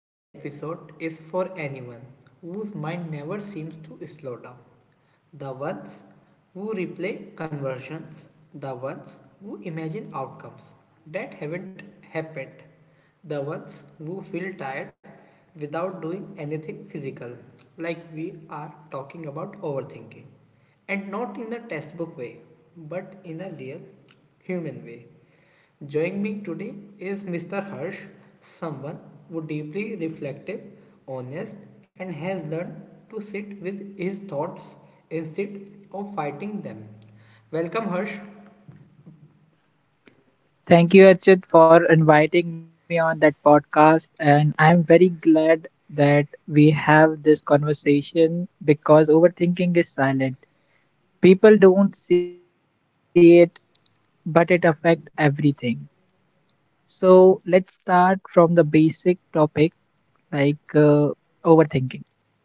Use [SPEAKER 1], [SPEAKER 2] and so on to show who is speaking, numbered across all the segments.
[SPEAKER 1] Today episode is for anyone whose mind never seems to slow down. The ones who replay conversions, the ones who imagine outcomes that haven't happened, the ones who feel tired without doing anything physical, like we are talking about overthinking and not in the textbook way, but in the real human way. Joining me today is Mr. Harsh, someone who deeply reflective, honest, and has learned to sit with his thoughts instead of fighting them. Welcome, Harsh.
[SPEAKER 2] Thank you, Achit, for inviting me on that podcast. And I'm very glad that we have this conversation because overthinking is silent. People don't see it, but it affects everything. So let's start from the basic topic like uh, overthinking.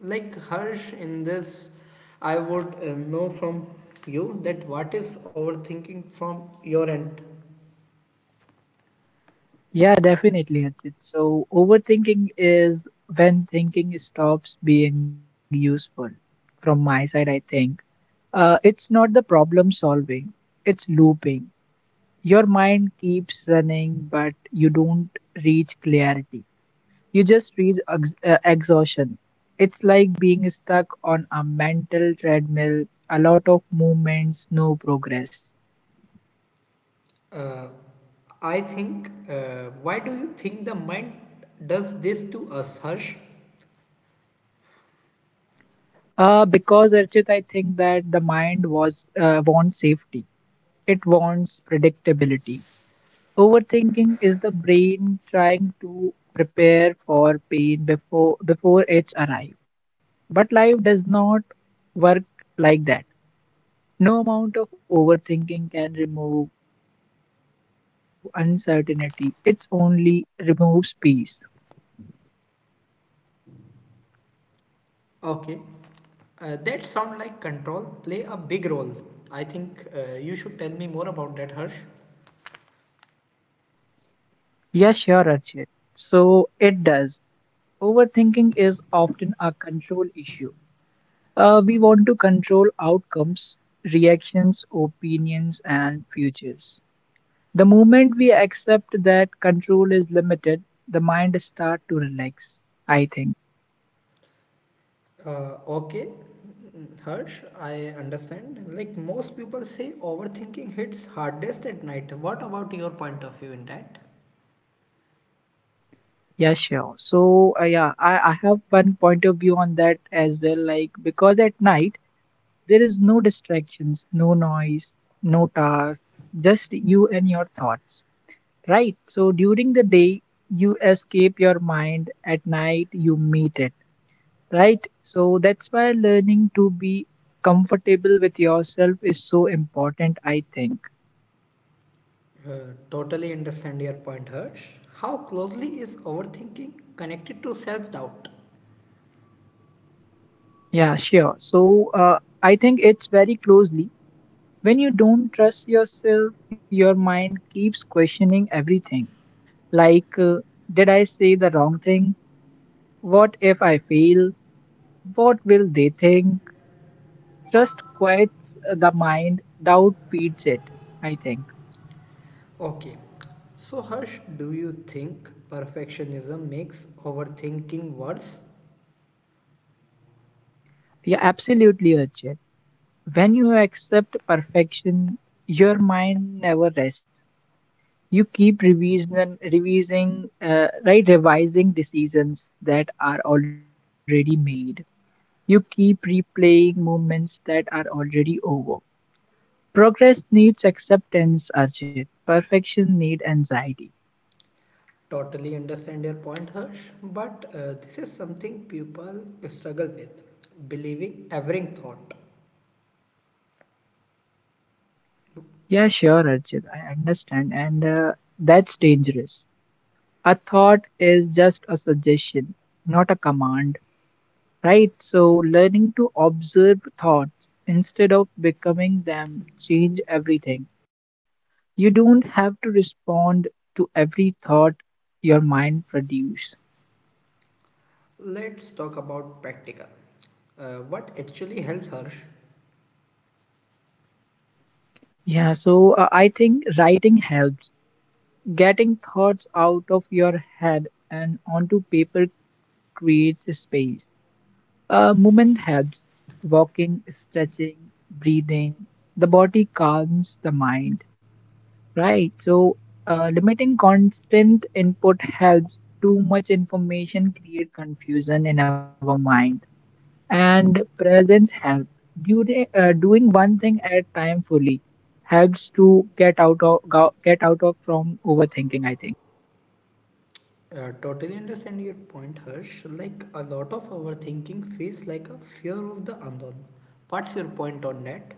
[SPEAKER 1] Like Harsh, in this, I would know from you that what is overthinking from your end.
[SPEAKER 2] Yeah, definitely, Achit. So overthinking is when thinking stops being useful. From my side, I think it's not the problem solving; it's looping. Your mind keeps running, but you don't reach clarity. You just reach exhaustion. It's like being stuck on a mental treadmill, a lot of movements, no progress.
[SPEAKER 1] Uh, I think, why do you think the mind does this to us, Harsh?
[SPEAKER 2] Because Archit, I think that the mind was wants safety. It wants predictability. Overthinking is the brain trying to prepare for pain before it's arrived. But life does not work like that. No amount of overthinking can remove uncertainty. It only removes peace.
[SPEAKER 1] Okay, that sound like control play a big role. I think you should tell me more about that, Harsh.
[SPEAKER 2] Yes, sure, Archit. So it does. Overthinking is often a control issue. We want to control outcomes, reactions, opinions, and futures. The moment we accept that control is limited, the mind starts to relax, I think.
[SPEAKER 1] Okay, Harsh, I understand. Like most people say, overthinking hits hardest at night. What about your point of view in that?
[SPEAKER 2] Yeah, sure. I have one point of view on that as well. Like, because at night, there is no distractions, no noise, no task, just you and your thoughts, right? So during the day, you escape your mind; at night, you meet it, right? So that's why learning to be comfortable with yourself is so important, I think.
[SPEAKER 1] Totally understand your point, Harsh. How closely is overthinking connected to self doubt?
[SPEAKER 2] Yeah, sure. So I think it's very closely. When you don't trust yourself, your mind keeps questioning everything. Like, did I say the wrong thing? What if I fail? What will they think? Trust quiets the mind, doubt feeds it, I think.
[SPEAKER 1] Okay. So, Harsh, do you think perfectionism makes overthinking worse?
[SPEAKER 2] Yeah, absolutely, Ajit. When you accept perfection, your mind never rests. You keep revising decisions that are already made. You keep replaying moments that are already over. Progress needs acceptance, Ajit. Perfection needs anxiety.
[SPEAKER 1] Totally understand your point, Harsh, but this is something people struggle with believing every thought.
[SPEAKER 2] Yeah, sure, Archit. I understand, and that's dangerous. A thought is just a suggestion, not a command, right? So, learning to observe thoughts instead of becoming them change everything. You don't have to respond to every thought your mind produce.
[SPEAKER 1] Let's talk about practical. What actually helps Harsh?
[SPEAKER 2] Yeah, so I think writing helps. Getting thoughts out of your head and onto paper creates space. Movement helps: walking, stretching, breathing. The body calms the mind, right? So, limiting constant input helps. Too much information create confusion in our mind. And presence helps. Doing one thing at time fully helps to get out of from overthinking, I think.
[SPEAKER 1] Totally understand your point, Harsh. Like a lot of overthinking feels like a fear of the unknown. What's your point on that?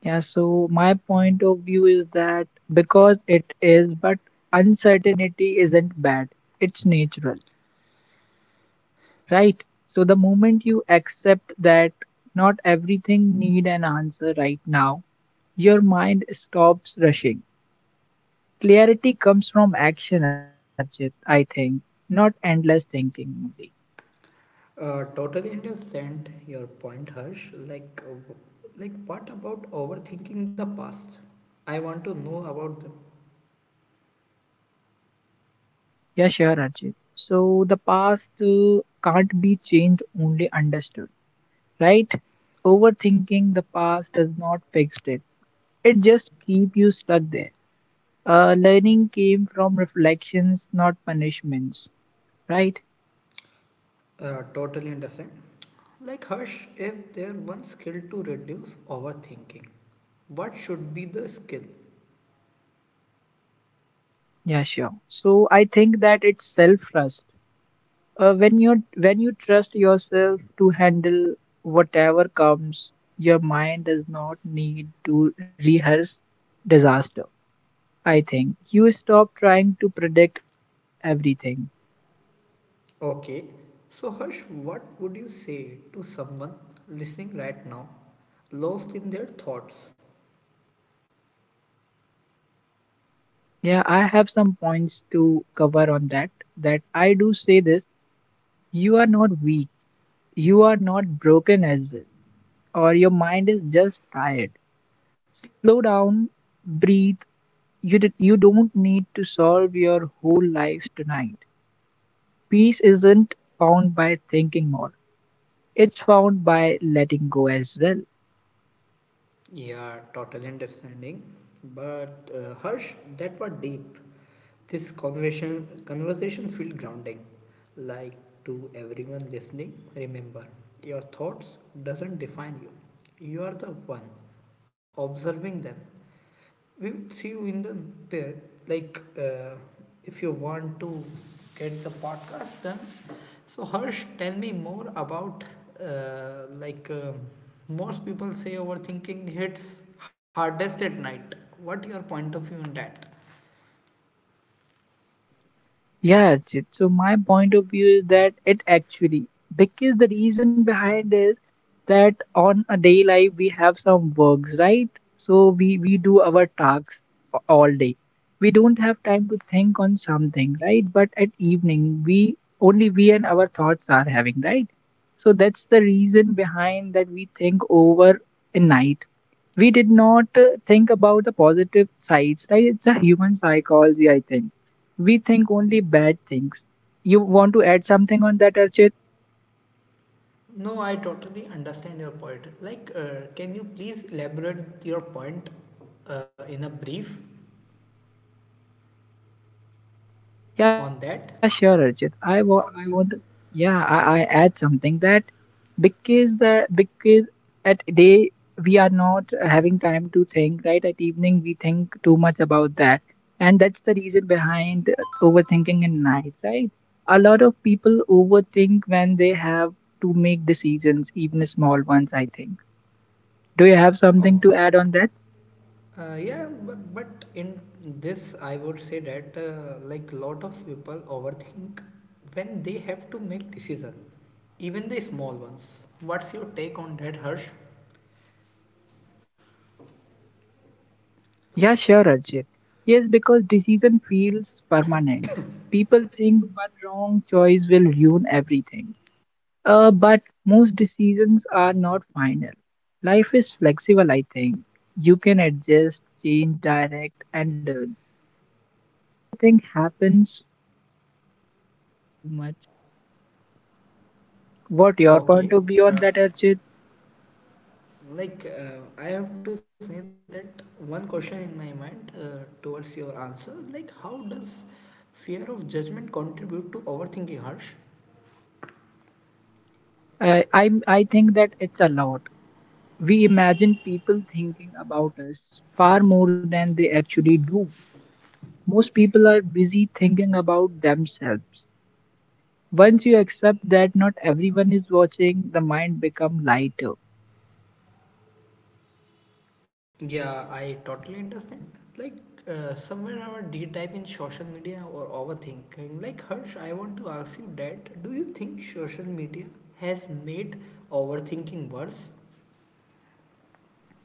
[SPEAKER 2] Yeah, so my point of view is that because it is, but uncertainty isn't bad. It's natural, right? So the moment you accept that not everything need an answer right now, your mind stops rushing. Clarity comes from action, Archit, I think, not endless thinking only.
[SPEAKER 1] Totally understand your point, Harsh. Like, like what about overthinking the past? I want to know about them.
[SPEAKER 2] Yeah, sure, Archit. So the past can't be changed, only understood, right? Overthinking the past does not fix it. It just keep you stuck there. Learning came from reflections, not punishments, right?
[SPEAKER 1] Totally understand. Like Harsh, if there one skill to reduce overthinking, what should be the skill?
[SPEAKER 2] Yeah, sure. So I think that it's self-trust. When you trust yourself to handle whatever comes, your mind does not need to rehearse disaster. I think you stop trying to predict everything.
[SPEAKER 1] Okay. So Harsh, what would you say to someone listening right now, lost in their thoughts?
[SPEAKER 2] Yeah, I have some points to cover on that. That I do say this, you are not weak, you are not broken as well, or your mind is just tired. Slow down, breathe. You don't need to solve your whole life tonight. Peace isn't found by thinking more, it's found by letting go as well.
[SPEAKER 1] Yeah, total understanding. But Harsh, that was deep. This conversation feel grounding. Like to everyone listening, remember your thoughts doesn't define you. You are the one observing them. We will see you in the pair. Like if you want to get the podcast done, so Harsh, tell me more about uh, like um, most people say overthinking hits hardest at night. What your point of view on that?
[SPEAKER 2] Yeah, Archit. So my point of view is that it actually, because the reason behind is that on a day life we have some works, right? So we do our tasks all day. We don't have time to think on something, right? But at evening, we only we and our thoughts are having, right? So that's the reason behind that we think over a night. We did not think about the positive sides, right? It's a human psychology, I think. We think only bad things. You want to add something on that, Archit?
[SPEAKER 1] No, I totally understand your point. Like, can you please elaborate your point in a brief on that?
[SPEAKER 2] Yeah, sure, Archit. I want to, yeah, I add something that, because the because at day we having time to think, right? At evening we think too much about that, and that's the reason behind overthinking in night, right? A lot of people overthink when they have to make decisions, even small ones, I think. Do you have something
[SPEAKER 1] Oh,
[SPEAKER 2] to add on that?
[SPEAKER 1] yeah, but in this, I would say that like lot of people overthink when they have to make decision, even the small ones. What's your take on that, Harsh?
[SPEAKER 2] Yeah, sure, Ajit. Yes, because decision feels permanent. People think one wrong choice will ruin everything. But most decisions are not final. Life is flexible, I think. You can adjust, change, direct, and learn.
[SPEAKER 1] Okay, uh, I have to say that one question in my mind towards your answer like how does fear of judgment contribute to overthinking harsh
[SPEAKER 2] I think that it's a lot. We imagine people thinking about us far more than they actually do. Most people are busy thinking about themselves. Once you accept that not everyone is watching, the mind becomes lighter.
[SPEAKER 1] yeah I totally understand like somewhere I did type in social media or overthinking like harsh I want to ask you that do you think social media has made overthinking worse.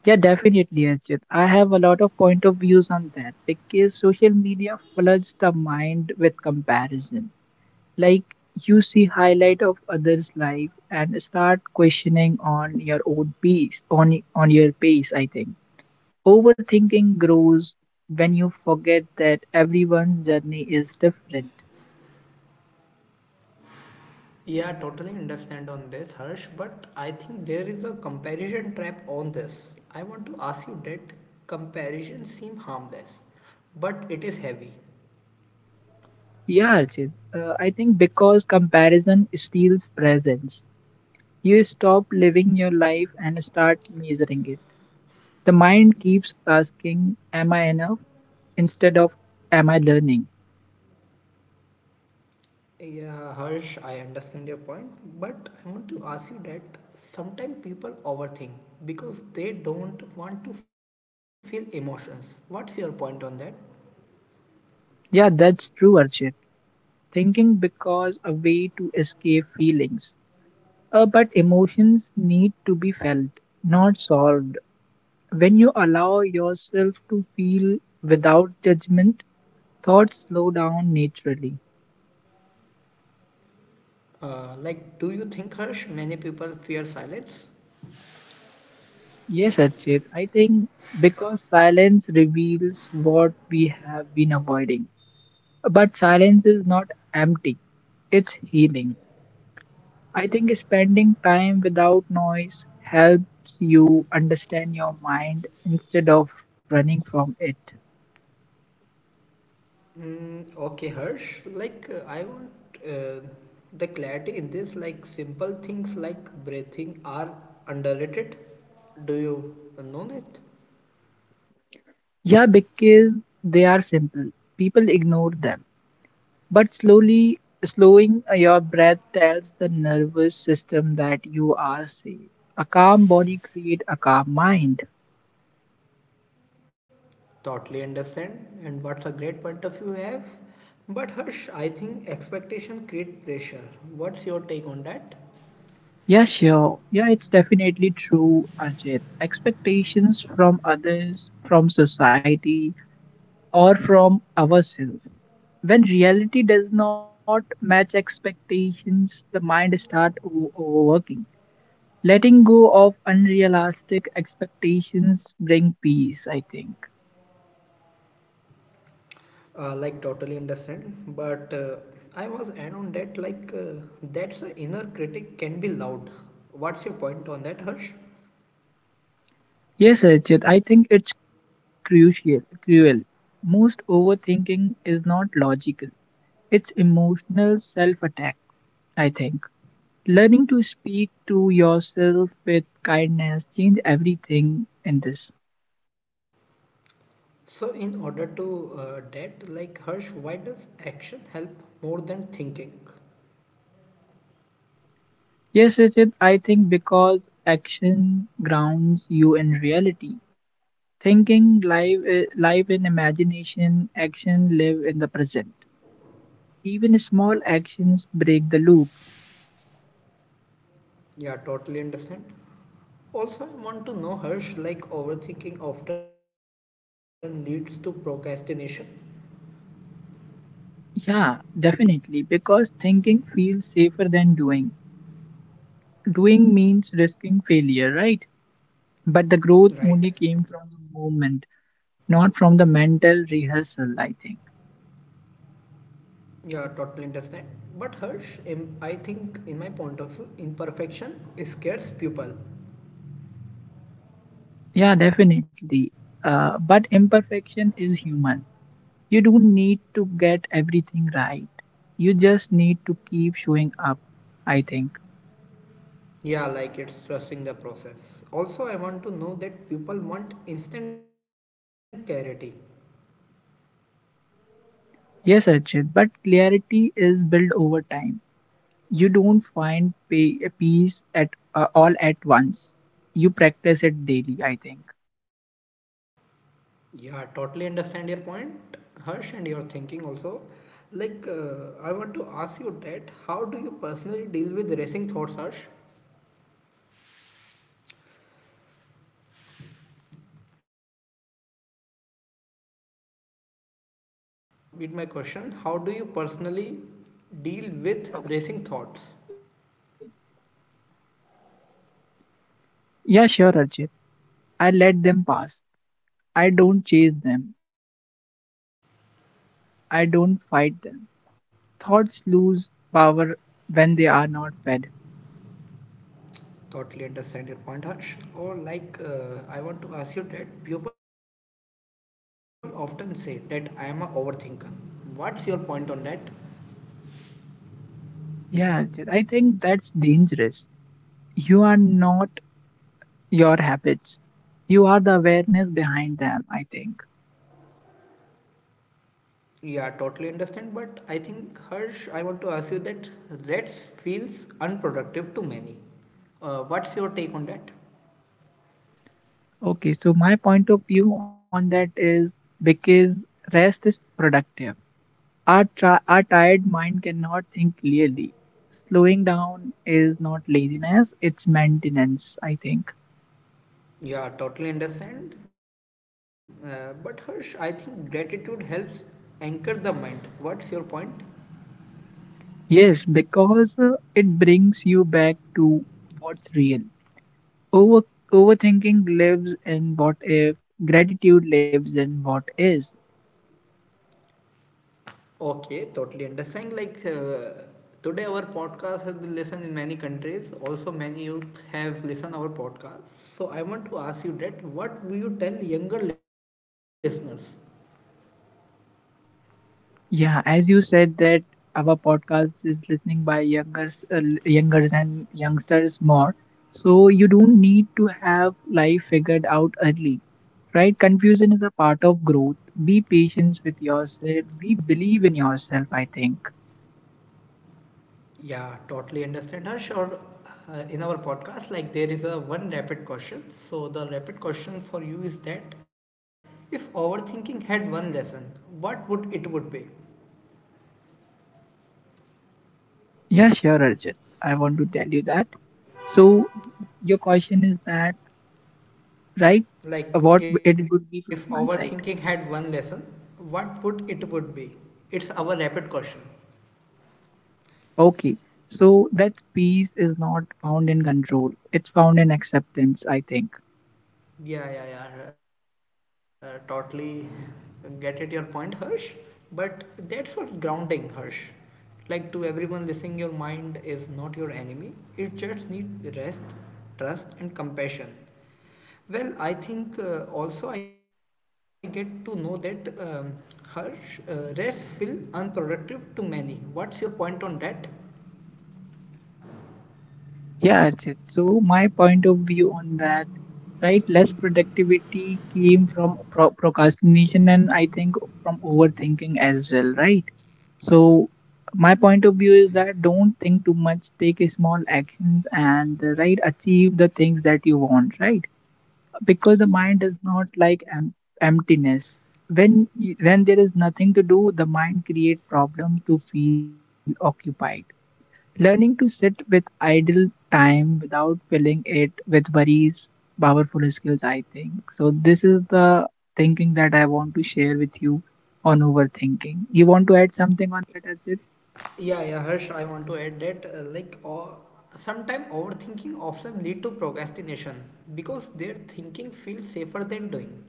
[SPEAKER 2] Yeah, definitely, Archit. I have a lot of point of views on that because social media floods the mind with comparison. Like, you see highlight of others' life and start questioning on your own pace, on your pace, I think. Overthinking grows when you forget that everyone's journey is different.
[SPEAKER 1] Yeah, totally understand on this, Harsh, but I think there is a comparison trap on this. I want to ask you that comparisons seem harmless, but it is heavy.
[SPEAKER 2] Yeah, Archit, I think because comparison steals presence. You stop living your life and start measuring it. The mind keeps asking, "Am I enough?" instead of "Am I learning?"
[SPEAKER 1] Yeah, Harsh, I understand your point, but I want to ask you that sometimes people overthink because they don't want to feel emotions. What's your point on that?
[SPEAKER 2] Yeah, that's true, Archit. Thinking because a way to escape feelings. But emotions need to be felt, not solved. When you allow yourself to feel without judgment, thoughts slow down naturally.
[SPEAKER 1] Like, do you think, Harsh, many people fear silence?
[SPEAKER 2] Yes, Archit, I think because silence reveals what we have been avoiding. But silence is not empty, it's healing. I think spending time without noise helps you understand your mind instead of running from it.
[SPEAKER 1] Okay, Harsh. Like, I want uh, the clarity in this. Like, simple things like breathing are underrated. Do you know that?
[SPEAKER 2] Yeah, because they are simple, people ignore them. But slowing your breath tells the nervous system that you are safe. A calm body creates a calm mind.
[SPEAKER 1] Totally understand. And what's a great point of view you have? But Harsh, I think expectation create pressure. What's your take on that?
[SPEAKER 2] Yeah, sure. Yeah, it's definitely true, Ajit. Expectations from others, from society, or from ourselves. When reality does not match expectations, the mind starts overworking. Letting go of unrealistic expectations bring peace, I think.
[SPEAKER 1] Like, totally understand. But I was add on that. Like, that's a inner critic can be loud. What's your point on that, Harsh?
[SPEAKER 2] Yes, Richard, I think it's cruel. Most overthinking is not logical. It's emotional self-attack, I think. Learning to speak to yourself with kindness change everything in this.
[SPEAKER 1] So, in order to that, like Harsh, why does action help more than thinking?
[SPEAKER 2] Yes, Richard, I think because action grounds you in reality. Thinking live, live in imagination; action live in the present. Even small actions break the loop.
[SPEAKER 1] Yeah, totally understand. Also, I want to know, Harsh, like overthinking often leads to procrastination,
[SPEAKER 2] Yeah, definitely, because thinking feels safer than doing. Doing means risking failure, right? But the growth only came from the
[SPEAKER 1] right?
[SPEAKER 2] movement, not from the mental rehearsal, I think.
[SPEAKER 1] Yeah, totally understand. But Harsh, I think, in my point of view, imperfection scares people.
[SPEAKER 2] Yeah, definitely. But imperfection is human. You don't need to get everything right. You just need to keep showing up, I think.
[SPEAKER 1] Yeah, like it's stressing the process. Also, I want to know that people want instant clarity.
[SPEAKER 2] Yes, Archit, but clarity is built over time. You don't peace at all at once. You practice it daily, I think.
[SPEAKER 1] Yeah, totally understand your point, Harsh, and your thinking also. Like, I want to ask you that how do you personally deal with racing thoughts, Harsh? Harsh, uh,
[SPEAKER 2] Yes,
[SPEAKER 1] like, I
[SPEAKER 2] Archit,
[SPEAKER 1] want to
[SPEAKER 2] yeah.
[SPEAKER 1] repeat my question.
[SPEAKER 2] So
[SPEAKER 1] How
[SPEAKER 2] I
[SPEAKER 1] do you
[SPEAKER 2] let them.
[SPEAKER 1] personally deal with
[SPEAKER 2] Okay.
[SPEAKER 1] racing thoughts?
[SPEAKER 2] Yeah, sure, Archit. I let them pass. I don't chase them. I don't fight them. Thoughts lose power when they are not fed.
[SPEAKER 1] Totally understand your point, Harsh. Or, like, I want to ask you that people often say that I am a overthinker. What's your point on that?
[SPEAKER 2] Yeah, Anchit, I think that's dangerous. You are not your habits. You are the awareness behind them, I think.
[SPEAKER 1] Yeah, totally understand. But I think, Harsh, I want to ask you that Reds feels unproductive to many. What's your take on that?
[SPEAKER 2] Okay, so my point of view on that is because rest is productive. Our, our tired mind cannot think clearly. Slowing is not laziness, it's maintenance, I think.
[SPEAKER 1] Yeah, totally understand. But Harsh, I think gratitude helps anchor the mind. What's your point?
[SPEAKER 2] Yes, because it brings you back to what's real. Over Overthinking lives in what if, gratitude lives in what is.
[SPEAKER 1] Okay, totally understand. Like today, our podcast has been listened in many countries. Also, many youth have listened our podcast. So I want to ask you that: What will you tell younger listeners?
[SPEAKER 2] Yeah, as you said that our podcast is listening by youngers, youngers and youngsters more. So you don't need to have life figured out early, right? Confusion is a part of growth. Be patient with yourself. Be believe in yourself, I think.
[SPEAKER 1] Yeah, totally understand Harsh. Or in our podcast, like there is a one rapid question. So the rapid question for you is that if overthinking had one lesson, what would it would be?
[SPEAKER 2] Yeah, sure, Arjit. I want to tell you that. So your question is that, right?
[SPEAKER 1] Like
[SPEAKER 2] What
[SPEAKER 1] if
[SPEAKER 2] it would be from
[SPEAKER 1] overthinking
[SPEAKER 2] my
[SPEAKER 1] had one
[SPEAKER 2] side.
[SPEAKER 1] lesson, what would it would be? It's our rapid question.
[SPEAKER 2] Okay, so that peace is not found in control, it's found in acceptance, I think.
[SPEAKER 1] Yeah, yeah, yeah. Totally get it your point, Harsh. But that's what grounding, Harsh. Like to everyone listening, your mind is not your enemy. It just needs rest, trust, and compassion. Well, I think also I get to know that Harsh rest feel unproductive to many. What's your point on that?
[SPEAKER 2] Yeah, Archit. So, my point of view on that, right, less productivity came from procrastination, and I think from overthinking as well, right? So, my point of view is that don't think too much, take a small actions and, right, achieve the things that you want, right? Because the mind does not like emptiness. When when there is nothing to do, the mind create problems to feel occupied. Learning to sit with idle time without filling it with worries, powerful skills, I think. So this is the thinking that I want to share with you on overthinking. You want to add something on that, Ajit?
[SPEAKER 1] Yeah, yeah, Harsh, I want to add that like o sometime overthinking often lead to procrastination because their thinking feels safer than doing.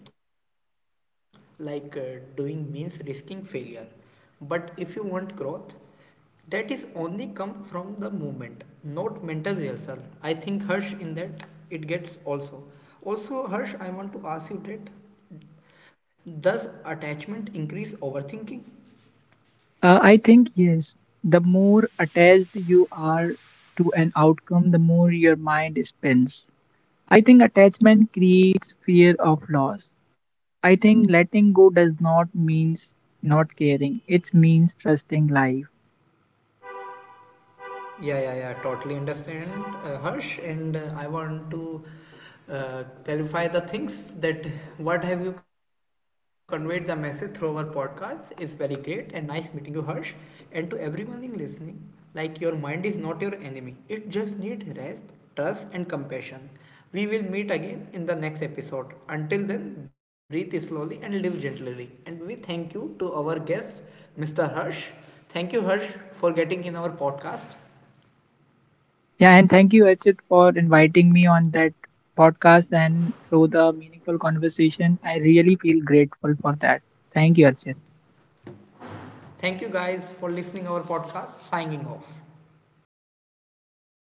[SPEAKER 1] Like doing means risking failure. But if you want growth, that is only come from the movement, not mental rehearsal. I think Harsh in that it gets also. Also, Harsh, I want to ask you that does attachment increase overthinking?
[SPEAKER 2] Uh, I think yes. The more attached you are to an outcome, the more your mind spins. I think attachment creates fear of loss. I think letting go does not means not caring. It means trusting life.
[SPEAKER 1] Yeah, yeah, yeah. Totally understand, Harsh. And I want to clarify the things that what have you conveyed the message through our podcast is very great and nice meeting you, Harsh. And to everyone in listening, like your mind is not your enemy. It just needs rest, trust, and compassion. We will meet again in the next episode. Until then, breathe slowly and live gently. And we thank you to our guest, Mr. Harsh. Thank you, Harsh, for getting in our podcast.
[SPEAKER 2] Yeah, and thank you, Achit, for inviting me on that podcast and through the meaningful conversation. I really feel grateful for that. Thank you, Achit.
[SPEAKER 1] Thank you guys for listening our podcast. Signing off.